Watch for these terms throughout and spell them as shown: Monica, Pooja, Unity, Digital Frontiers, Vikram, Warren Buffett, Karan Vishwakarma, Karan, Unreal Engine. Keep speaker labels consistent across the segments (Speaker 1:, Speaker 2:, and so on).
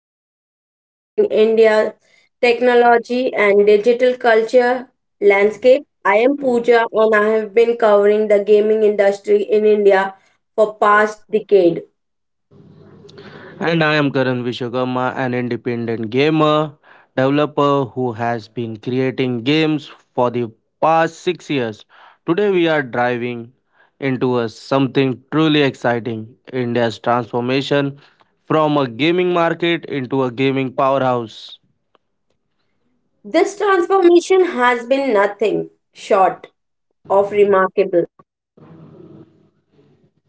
Speaker 1: podcast exploring India technology and digital culture landscape. I am Pooja and I have been covering the gaming industry in India for past decade.
Speaker 2: And I am Karan Vishwakarma, an independent gamer developer who has been creating games for the past 6 years. Today, we are driving into something truly exciting, India's transformation from a gaming market into a gaming powerhouse.
Speaker 1: This transformation has been nothing short of remarkable. When I started covering this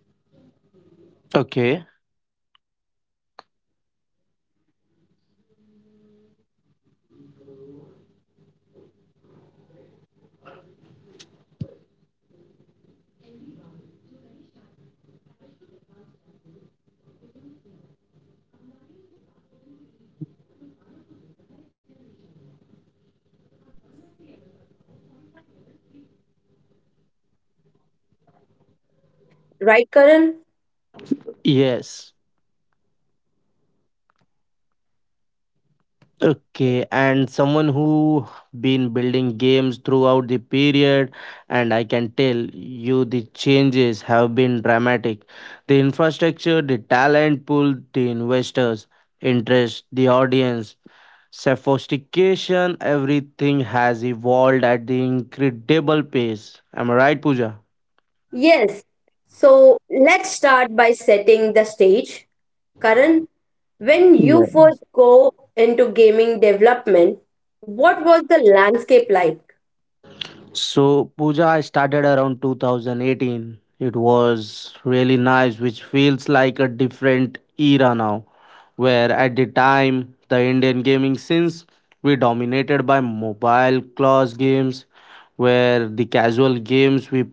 Speaker 1: space 10 years ago,
Speaker 2: Okay,
Speaker 1: the Indian gaming industry was barely a blip on the global radar. Today, we are taking about a $1 million industry with millions of active gamers and emerging developer community that's starting to make wave internationally. Right, Karan?
Speaker 2: yes. Okay, and someone who been building games throughout the period, and I can tell you the changes have been dramatic. The infrastructure, the talent pool, the investors, interest, the audience, sophistication, everything has evolved at the incredible pace. Am I right, Pooja?
Speaker 1: Yes. So let's start by setting the stage. Karan, when you
Speaker 2: Yeah.
Speaker 1: first go into gaming development, what was the landscape like?
Speaker 2: So Puja, started around 2018. It was really nice, which feels like a different era now, where at the time the Indian gaming scenes we dominated by mobile class games, where the casual games we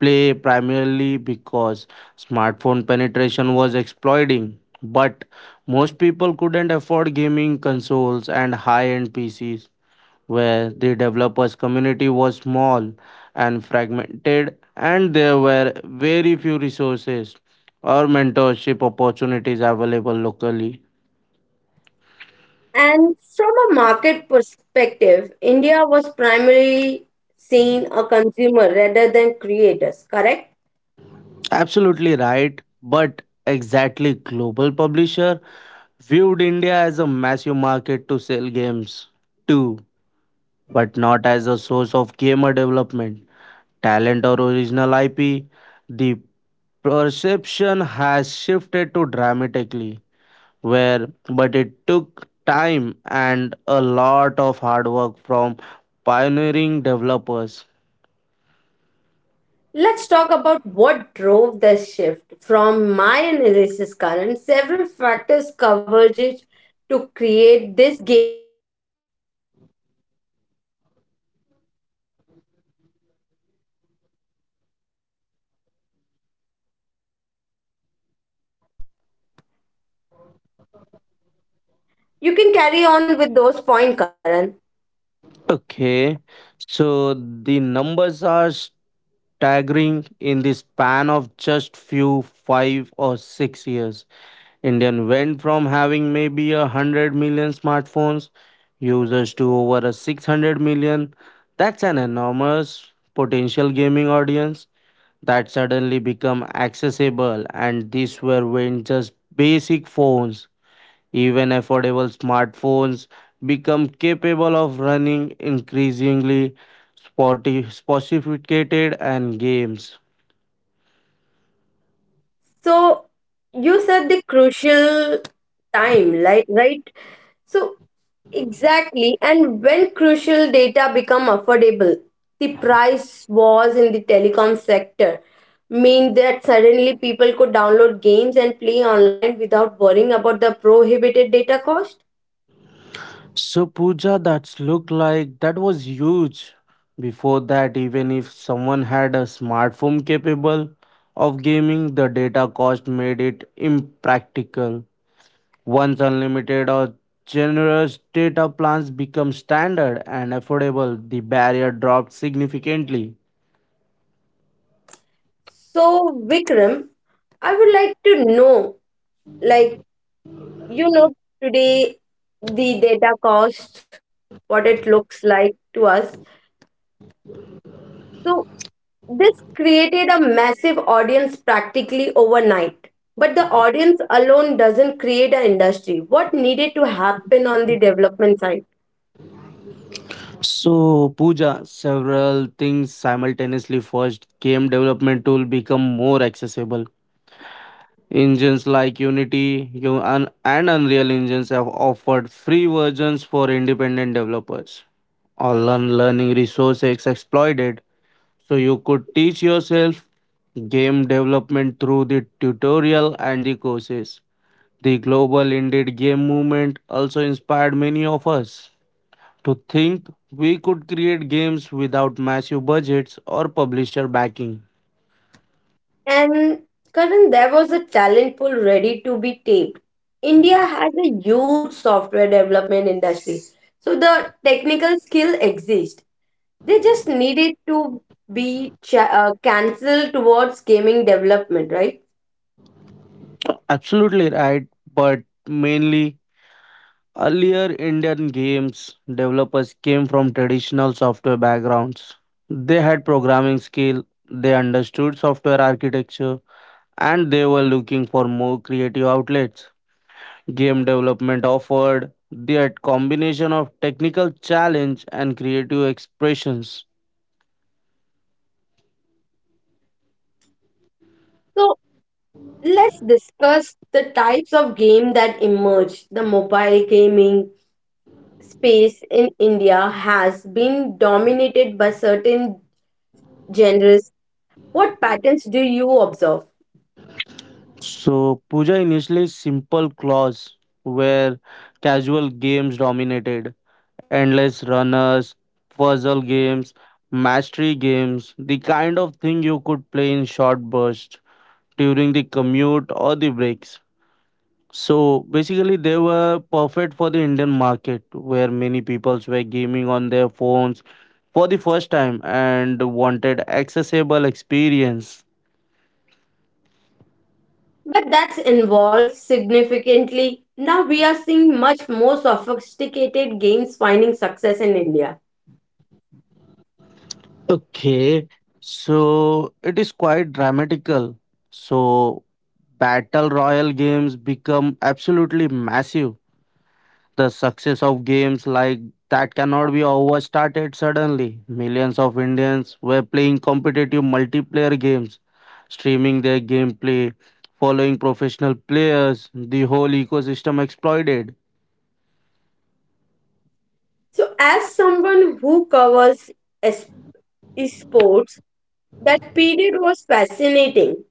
Speaker 2: play primarily because smartphone penetration was exploding. But most people couldn't afford gaming consoles and high end PCs, where the developers community was small and fragmented, and there were very few resources or mentorship opportunities available locally.
Speaker 1: And from a market perspective, India was primarily seen a consumer rather than creators, correct?
Speaker 2: Absolutely right, but exactly, global publisher viewed India as a massive market to sell games to, but not as a source of gamer development talent or original IP. The perception has shifted to dramatically, where but it took time and a lot of hard work from pioneering developers.
Speaker 1: Let's talk about what drove this shift. From my analysis, Karan, several factors converged to create this gaming institute. I think you can carry on with those point. You can carry on with those point, Karan.
Speaker 2: Okay, so the numbers are staggering. In the span of just few 5 or 6 years, indian went from having maybe a 100 million smartphones users to over a 600 million. That's an enormous potential gaming audience that suddenly become accessible, and these were when just basic phones, even affordable smartphones become capable of running increasingly sophisticated and games.
Speaker 1: So you said the crucial time, like right? So exactly, and when crucial data become affordable, the price wars in the telecom sector mean that suddenly people could download games and play online without worrying about the prohibited data cost.
Speaker 2: So Puja, that's look like that was huge. Before that, even if someone had a smartphone capable of gaming, the data cost made it impractical. Once unlimited or generous data plans become standard and affordable, the barrier dropped significantly.
Speaker 1: So Vikram, I would like to know, like you know, today the data cost, what it looks like to us, so this created a massive audience practically overnight. But the audience alone doesn't create an industry. What needed to happen on the development side?
Speaker 2: So, Pooja, several things simultaneously. First, game development tool become more accessible. Engines like Unity and Unreal Engines have offered free versions for independent developers. Online learning resources exploited. So you could teach yourself game development through the tutorial and the courses. The global indie game movement also inspired many of us to think we could create games without massive budgets or publisher backing.
Speaker 1: And Karan, there was a talent pool ready to be taped. India has a huge software development industry. So the technical skill exists. They just needed to be cancelled towards gaming development, right?
Speaker 2: Absolutely right, but mainly earlier Indian games developers came from traditional software backgrounds. They had programming skill, they understood software architecture, and they were looking for more creative outlets. Game development offered that combination of technical challenge and creative expressions.
Speaker 1: So. Let's discuss the types of game that emerge. The mobile gaming space in India has been dominated by certain genres. What patterns do you observe?
Speaker 2: So, Puja, initially simple claws, where casual games dominated, endless runners, puzzle games, mastery games, the kind of thing you could play in short bursts during the commute or the breaks. So basically, they were perfect for the Indian market, where many peoples were gaming on their phones for the first time and wanted accessible experience.
Speaker 1: But that's involved significantly. Now we are seeing much more sophisticated games finding success in India.
Speaker 2: Okay, so it is quite dramatical. So battle royal games become absolutely massive. The success of games like that cannot be overstated. Suddenly, millions of Indians were playing competitive multiplayer games, streaming their gameplay, following professional players, the whole ecosystem exploited.
Speaker 1: So, as someone who covers es- esports, that period was fascinating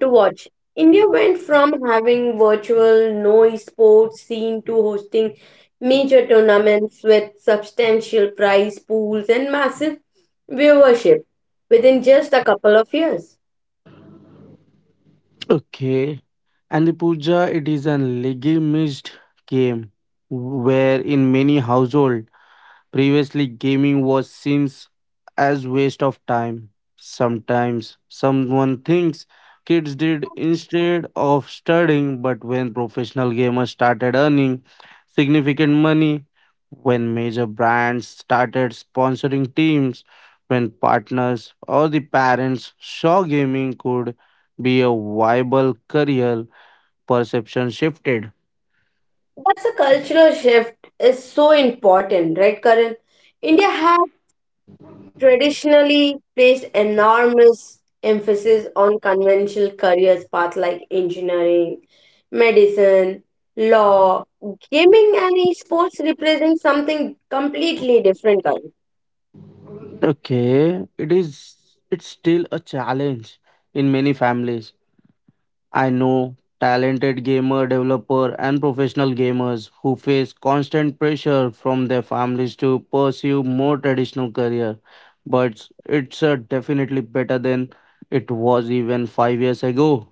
Speaker 1: to watch. India went from having virtual no esports scene to hosting major tournaments with substantial prize pools and massive viewership within just a couple of years.
Speaker 2: Okay. And the Puja, it is an legitimized game, where in many household previously, gaming was seen as waste of time. Sometimes someone thinks kids did instead of studying, but when professional gamers started earning significant money, when major brands started sponsoring teams, when partners or the parents saw gaming could be a viable career, perception shifted.
Speaker 1: That's a cultural shift is so important, right, Karan? India has traditionally placed enormous emphasis on conventional careers paths like engineering, medicine, law, gaming, and esports represent something completely different, Karan.
Speaker 2: Okay, it is it's still a challenge in many families. I know talented gamer developer and professional gamers who face constant pressure from their families to pursue more traditional career, but it's definitely better than it was even 5 years ago.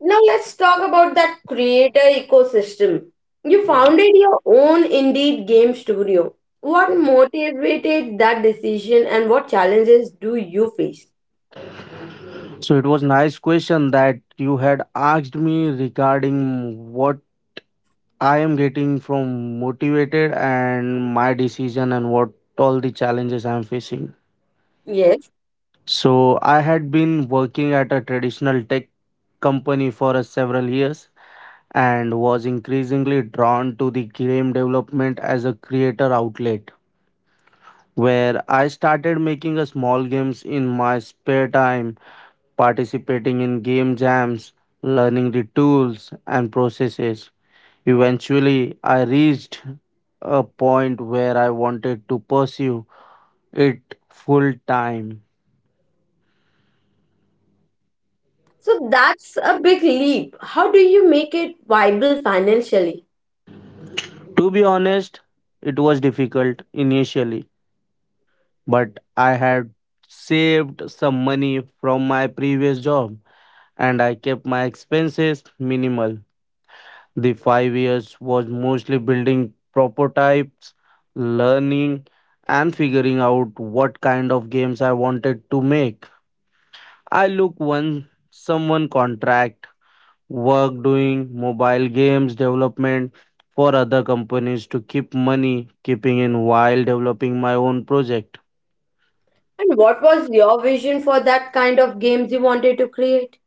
Speaker 1: Now let's talk about that creator ecosystem. You founded your own Indeed game studio. What motivated that decision and what challenges do you face?
Speaker 2: So it was nice question that you had asked me regarding what I am getting from motivated and my decision and what all the challenges I am facing.
Speaker 1: Yes,
Speaker 2: So I had been working at a traditional tech company for a several years and was increasingly drawn to the game development as a creator outlet, where I started making a small games in my spare time, participating in game jams, learning the tools and processes. Eventually, I reached a point where I wanted to pursue it full time.
Speaker 1: so that's a big leap. How do you make it viable financially?
Speaker 2: To be honest, it was difficult initially, but I had saved some money from my previous job and I kept my expenses minimal. The 5 years was mostly building prototypes, learning, and figuring out what kind of games I wanted to make. I look when someone contract work doing mobile games development for other companies to keep money keeping in while developing my own project.
Speaker 1: And what was your vision for that kind of games you wanted to create?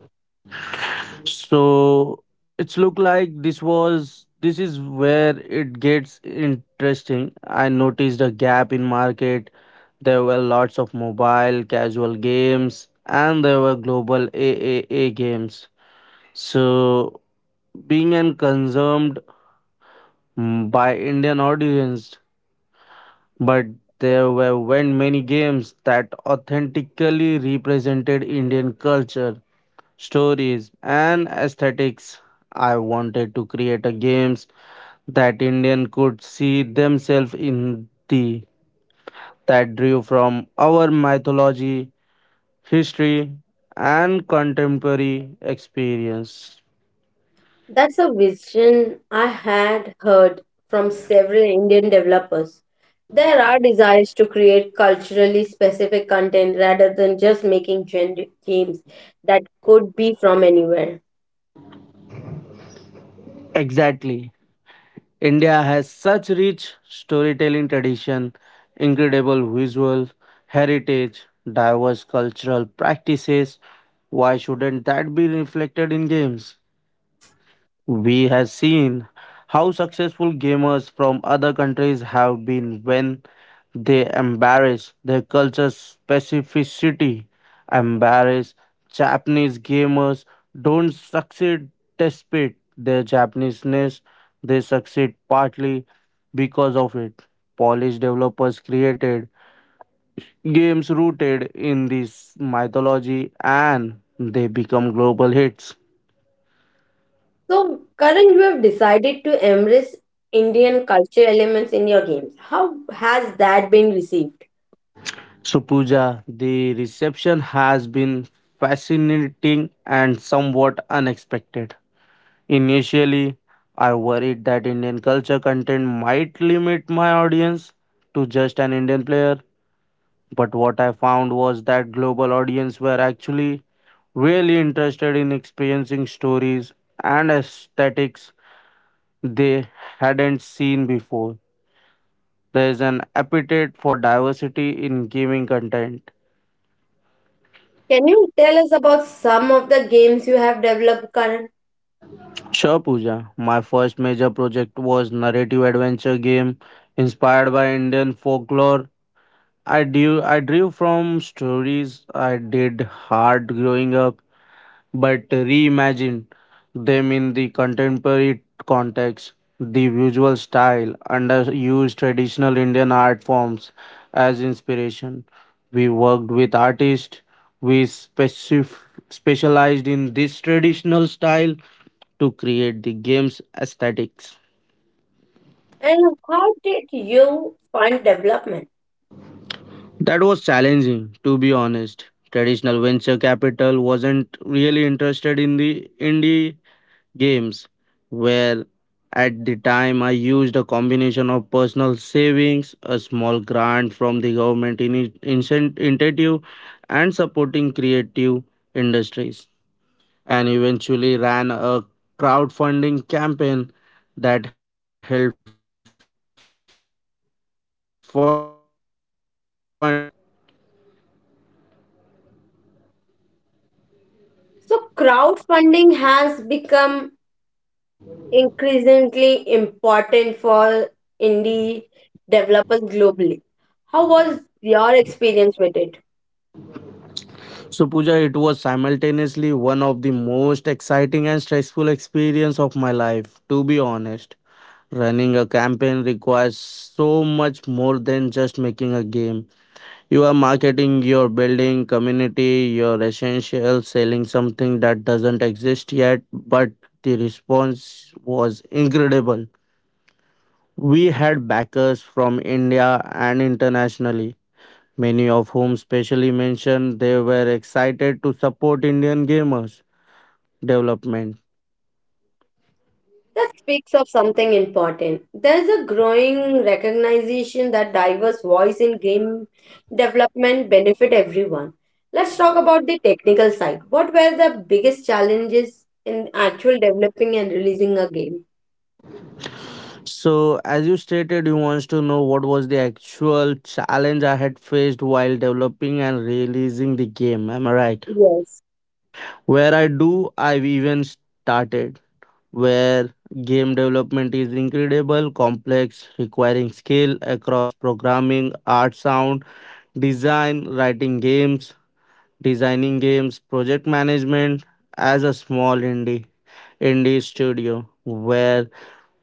Speaker 2: So it's look like this was this is where it gets interesting. I noticed a gap in market. There were lots of mobile casual games and there were global AAA games. So being and consumed by Indian audience, but there were when many games that authentically represented Indian culture, stories and aesthetics. I wanted to create a games that Indian could see themselves in, the that drew from our mythology, history, and contemporary experience.
Speaker 1: That's a vision I had heard from several Indian developers. There are desires to create culturally specific content rather than just making generic games that could be from anywhere.
Speaker 2: Exactly. India has such rich storytelling tradition, incredible visual heritage, diverse cultural practices. Why shouldn't that be reflected in games? We have seen how successful gamers from other countries have been when they embrace their culture's specificity. Embrace Japanese gamers don't succeed despite their Japaneseness. They succeed partly because of it. Polish developers created games rooted in this mythology and they become global hits.
Speaker 1: So, Karan, you have decided to embrace Indian culture elements in your games. How has that been received?
Speaker 2: So, Pooja, the reception has been fascinating and somewhat unexpected. Initially, I worried that Indian culture content might limit my audience to just an Indian player, but what I found was that global audience were actually really interested in experiencing stories and aesthetics they hadn't seen before. There is an appetite for diversity in gaming content.
Speaker 1: Can you tell us about some of the games you have developed current
Speaker 2: Sure, Pooja. My first major project was narrative adventure game inspired by Indian folklore. I drew from stories I did hard growing up, but reimagined them in the contemporary context. The visual style underused traditional Indian art forms as inspiration. We worked with artists. We specif- specialized in this traditional style to create the game's aesthetics.
Speaker 1: and how did you fund development?
Speaker 2: That was challenging, to be honest. Traditional venture capital wasn't really interested in the indie games, where at the time I used a combination of personal savings, a small grant from the government in incentive, and supporting creative industries, and eventually ran a crowdfunding campaign that helped fund the final stage of development.
Speaker 1: So crowdfunding has become increasingly important for indie developers globally. How was your experience with it?
Speaker 2: So Pooja, it was simultaneously one of the most exciting and stressful experience of my life, to be honest. Running a campaign requires so much more than just making a game. You are marketing, you're building, community, you're essential, selling something that doesn't exist yet, but the response was incredible. We had backers from India and internationally. Many of whom specially mentioned they were excited to support Indian gamers development.
Speaker 1: That speaks of something important. There's a growing recognition that diverse voice in game development benefit everyone. Let's talk about the technical side. What were the biggest challenges in actual developing and releasing a game?
Speaker 2: So as you stated you wants to know what was the actual challenge I had faced while developing and releasing the game. Am I right?
Speaker 1: Yes.
Speaker 2: Where I do I've even started, where game development is incredible, complex, requiring skill across programming, art sound, design, writing games, designing games, project management as a small indie studio, where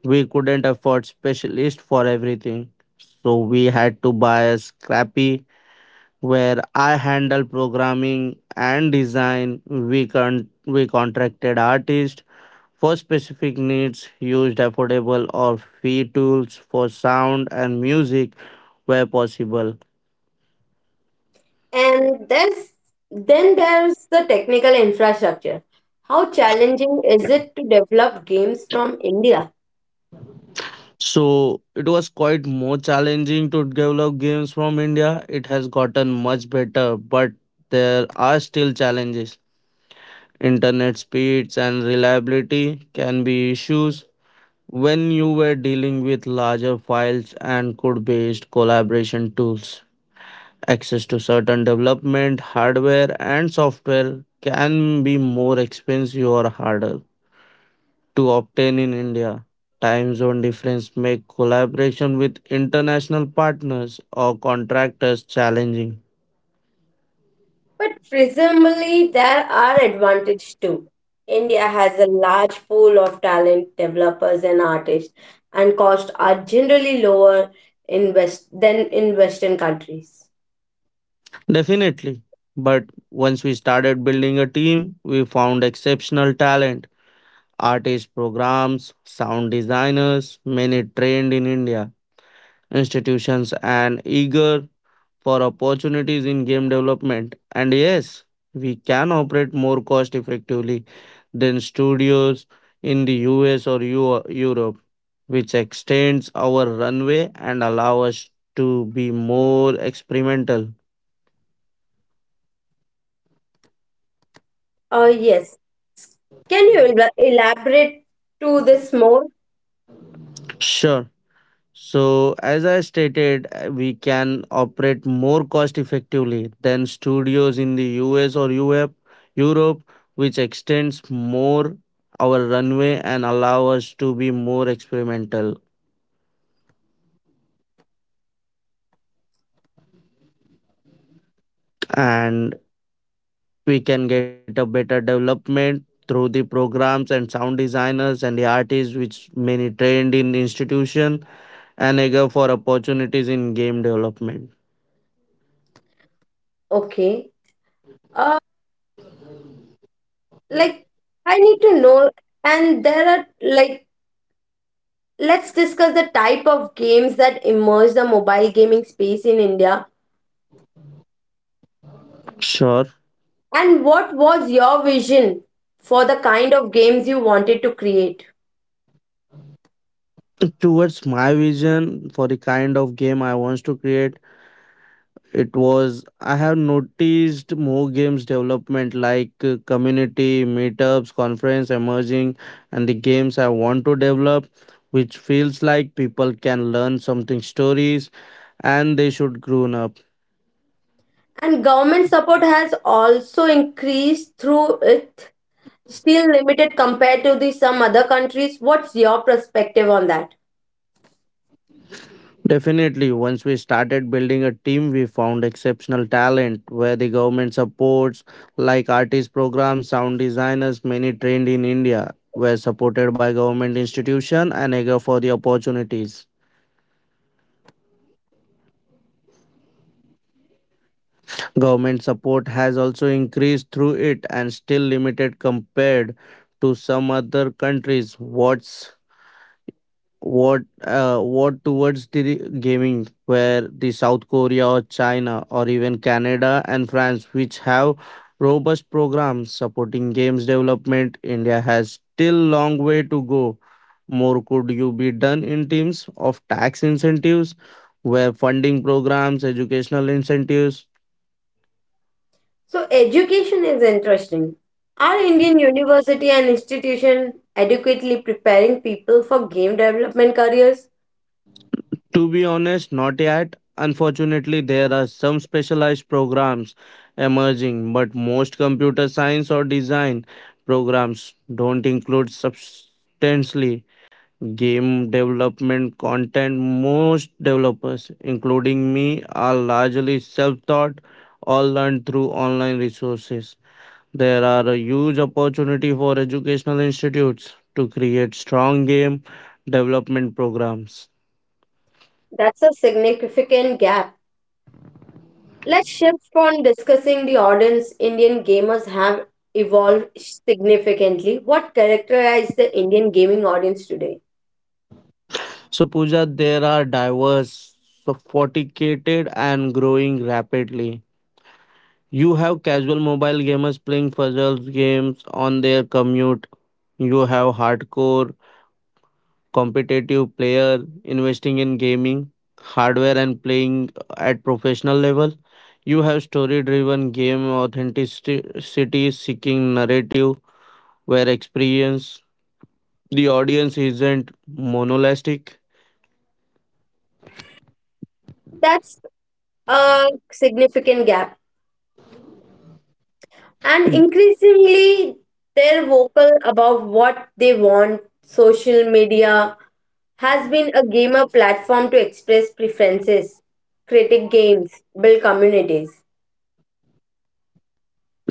Speaker 2: we couldn't afford specialists for everything. So we had to buy a scrappy, where I handle programming and design. We contracted artists for specific needs, used affordable or free tools for sound and music where possible.
Speaker 1: And there's Then there's the technical infrastructure. How challenging is it to develop games from India?
Speaker 2: So it was quite more challenging to develop games from India. It has gotten much better, but there are still challenges. Internet speeds and reliability can be issues when you were dealing with larger files and code based collaboration tools. Access to certain development hardware and software can be more expensive or harder to obtain in India. Time zone difference make collaboration with international partners or contractors challenging.
Speaker 1: But presumably, there are advantages too. India has a large pool of talent, developers, and artists, and costs are generally lower in West than in Western countries.
Speaker 2: Definitely. But once we started building a team, we found exceptional talent, artist programs, sound designers, many trained in India, institutions and eager for opportunities in game development. And yes, we can operate more cost effectively than studios in the US or Europe, which extends our runway and allow us to be more experimental.
Speaker 1: Oh, yes. Can you elaborate to this more?
Speaker 2: Sure. So, as I stated, we can operate more cost effectively than studios in the US or Europe, which extends more our runway and allow us to be more experimental. And we can get a better development through the programs and sound designers and the artists which many trained in the institution and eager for opportunities in game development.
Speaker 1: Okay. Uh, like I need to know, and there are like let's discuss the type of games that emerge the mobile gaming space in India
Speaker 2: Sure.
Speaker 1: and what was your vision for the kind of games you wanted to create?
Speaker 2: Towards my vision for the kind of game I wants to create, it was I have noticed more games development like community meetups, conference emerging, and the games I want to develop, which feels like people can learn something stories, and they should grown up.
Speaker 1: And government support has also increased through it, still limited compared to the some other countries. What's your perspective on that?
Speaker 2: Definitely, once we started building a team, we found exceptional talent where the government supports, like artist programs, sound designers, many trained in India, were supported by government institution and eager for the opportunities. Government support has also increased through it and still limited compared to some other countries. What towards the gaming where the south korea or china or even canada and france which have robust programs supporting games development india has still long way to go. More could you be done in terms of tax incentives where funding programs educational incentives.
Speaker 1: So education is interesting. Are Indian university and institution adequately preparing people for game development careers?
Speaker 2: To be honest, not yet. Unfortunately, there are some specialized programs emerging, but most computer science or design programs don't include substantially game development content. Most developers, including me, are largely self taught or learned through online resources. There are a huge opportunity for educational institutes to create strong game development programs.
Speaker 1: That's a significant gap. Let's shift from discussing the audience Indian gamers have evolved significantly. What characterizes the Indian gaming audience today?
Speaker 2: So, Pooja, there are diverse, sophisticated, and growing rapidly. You have casual mobile gamers playing puzzles games on their commute. You have hardcore competitive player investing in gaming hardware and playing at professional level. You have story-driven game authenticity seeking narrative where experience the audience isn't monolithic.
Speaker 1: That's a significant gap. And increasingly, they're vocal about what they want. Social media has been a gamer platform to express preferences, critique games, build communities.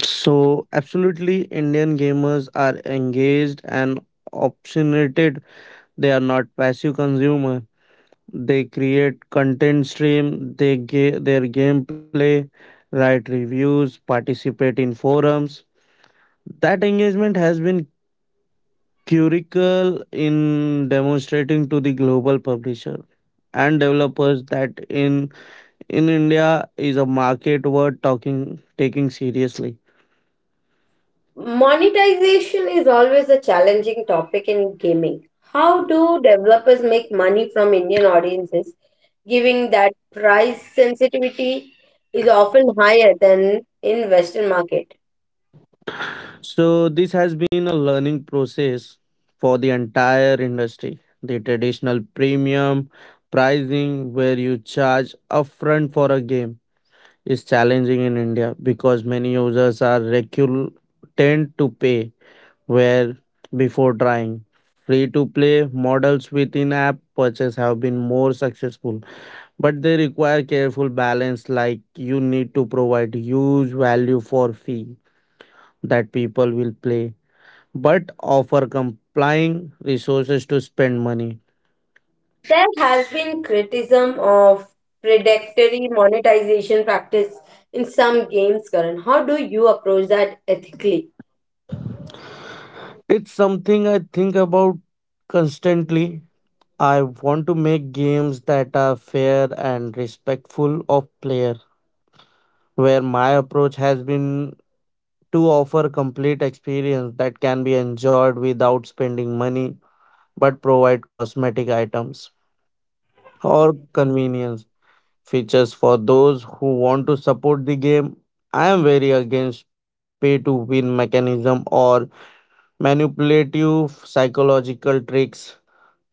Speaker 2: So, absolutely, Indian gamers are engaged and opinionated. They are not passive consumer. They create content stream. Their gameplay, write reviews, participate in forums. That engagement has been critical in demonstrating to the global publisher and developers that in India is a market worth talking taking seriously.
Speaker 1: Monetization is always a challenging topic in gaming. How do developers make money from Indian audiences, given that price sensitivity is often higher than in Western market?
Speaker 2: So this has been a learning process for the entire industry. The traditional premium pricing where you charge upfront for a game is challenging in India because many users are reluctant to pay where before trying. Free to play models with in app purchase have been more successful, but they require careful balance like you need to provide huge value for fee that people will play but offer complying resources to spend money.
Speaker 1: There has been criticism of predatory monetization practice in some games, Karan. How do you approach that ethically?
Speaker 2: It's something I think about constantly. I want to make games that are fair and respectful of player, where my approach has been to offer complete experience that can be enjoyed without spending money but provide cosmetic items or convenience features for those who want to support the game. I am very against pay to win mechanism or manipulative psychological tricks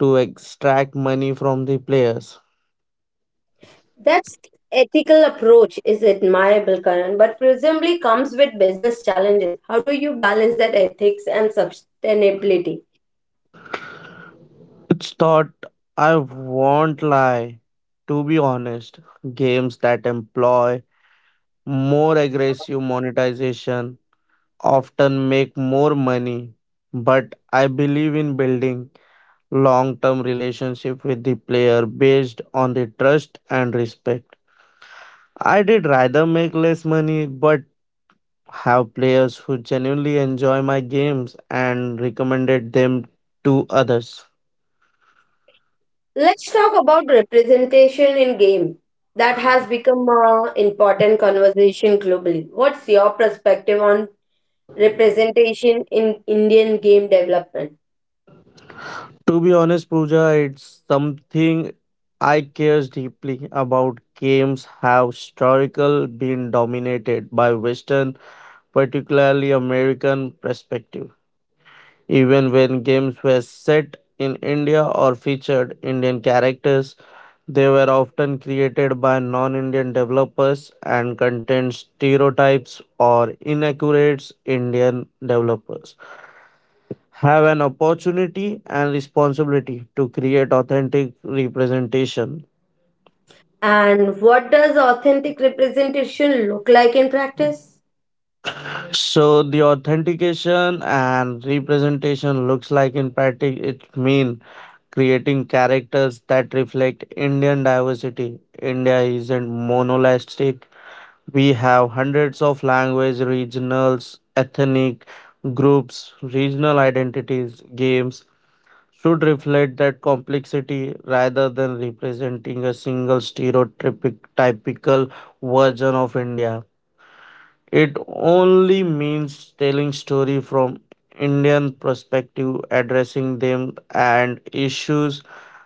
Speaker 2: to extract money from the players.
Speaker 1: That's ethical approach is admirable, Karan, but presumably comes with business challenges. How do you balance that ethics and sustainability?
Speaker 2: It's thought, I won't lie. To be honest, games that employ more aggressive monetization often make more money. But I believe in building long term relationship with the player based on the trust and respect. I did rather make less money but have players who genuinely enjoy my games and recommended them to others.
Speaker 1: Let's talk about representation in game. That has become an important conversation globally. What's your perspective on representation in Indian game development?
Speaker 2: To be honest, Pooja, it's something I cares deeply about. Games have historical been dominated by Western, particularly American perspective. Even when games were set in India or featured Indian characters, they were often created by non Indian developers and contained stereotypes or inaccurate Indian developers have an opportunity and responsibility to create authentic representation.
Speaker 1: And what does authentic representation look like in practice?
Speaker 2: So the authentication and representation looks like in practice it means creating characters that reflect Indian diversity. India isn't monolithic. We have hundreds of language, regionals, ethnic groups, regional identities. Games should reflect that complexity rather than representing a single stereotypic typical version of India. It only means telling story from Indian perspective, addressing them and issues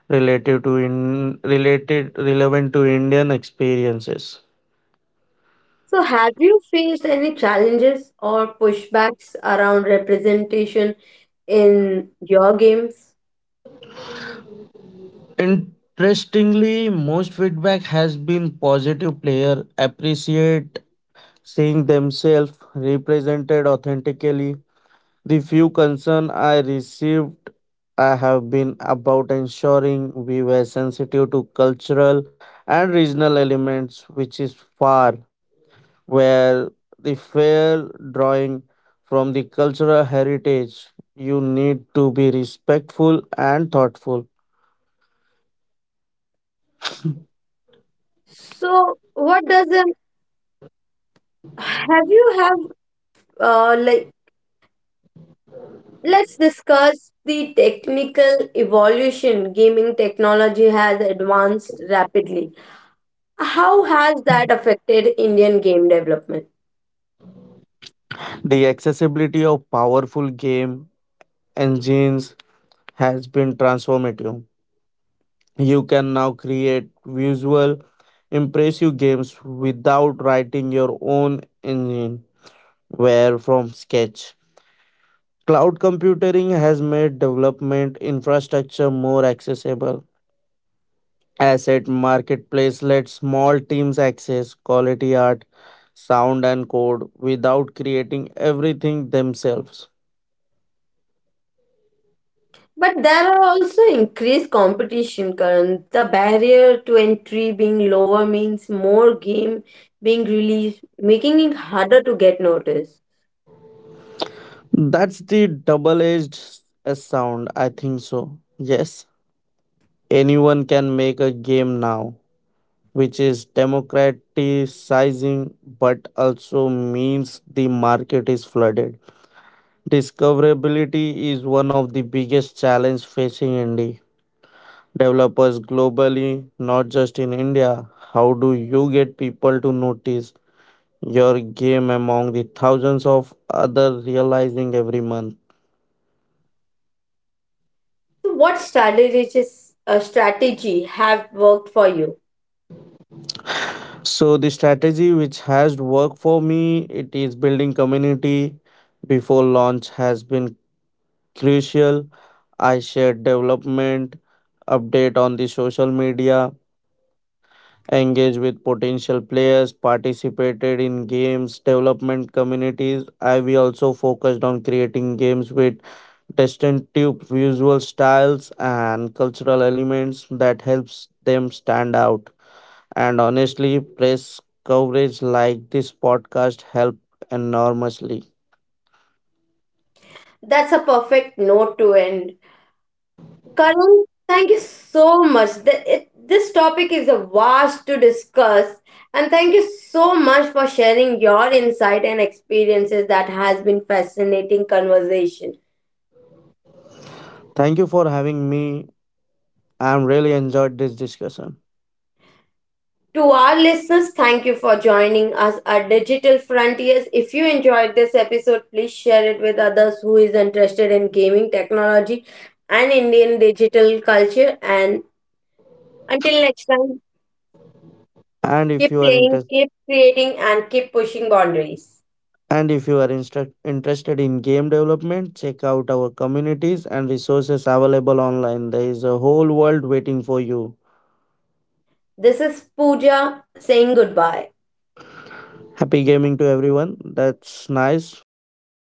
Speaker 2: related to in related relevant to Indian experiences.
Speaker 1: So, have you faced any challenges or pushbacks around representation in your games?
Speaker 2: Interestingly, most feedback has been positive. Player appreciate seeing themselves represented authentically. The few concern I received I have been about ensuring we were sensitive to cultural and regional elements, which is far where the fair drawing from the cultural heritage. You need to be respectful and thoughtful.
Speaker 1: So, what does an have you have like let's discuss the technical evolution gaming technology has advanced rapidly. How has that affected Indian game development?
Speaker 2: The accessibility of powerful game engines has been transformative. You can now create visual, impressive games without writing your own engine, where from sketch. Cloud computing has made development infrastructure more accessible. Asset marketplace lets small teams access quality art, sound, and code without creating everything themselves.
Speaker 1: But there are also increased competition, Karan. The barrier to entry being lower means more game being released, making it harder to get noticed.
Speaker 2: That's the double edged s sound, I think so. Yes, anyone can make a game now, which is democratizing but also means the market is flooded. Discoverability is one of the biggest challenge facing indie developers globally, not just in India. How do you get people to notice your game among the thousands of other realizing every month?
Speaker 1: So what strategy have worked for you?
Speaker 2: So the strategy which has worked for me, it is building community before launch has been crucial. I share development, update on the social media, engage with potential players, participated in games development communities. I We also focused on creating games with distinctive visual styles and cultural elements that helps them stand out. And honestly, press coverage like this podcast helped enormously.
Speaker 1: That's a perfect note to end. Karan, thank you so much. This topic is a vast to discuss. And thank you so much for sharing your insight and experiences that has been fascinating conversation.
Speaker 2: Thank you for having me. I'm really enjoyed this discussion.
Speaker 1: To our listeners, thank you for joining us at Digital Frontiers. If you enjoyed this episode, please share it with others who is interested in gaming technology and Indian digital culture. And until next time,
Speaker 2: And if
Speaker 1: keep
Speaker 2: you are
Speaker 1: playing,
Speaker 2: interested
Speaker 1: keep creating, and keep pushing boundaries.
Speaker 2: and if you are instru- interested in game development, check out our communities and resources available online. There is a whole world waiting for you.
Speaker 1: This is Pooja saying goodbye.
Speaker 2: Happy gaming to everyone. That's nice.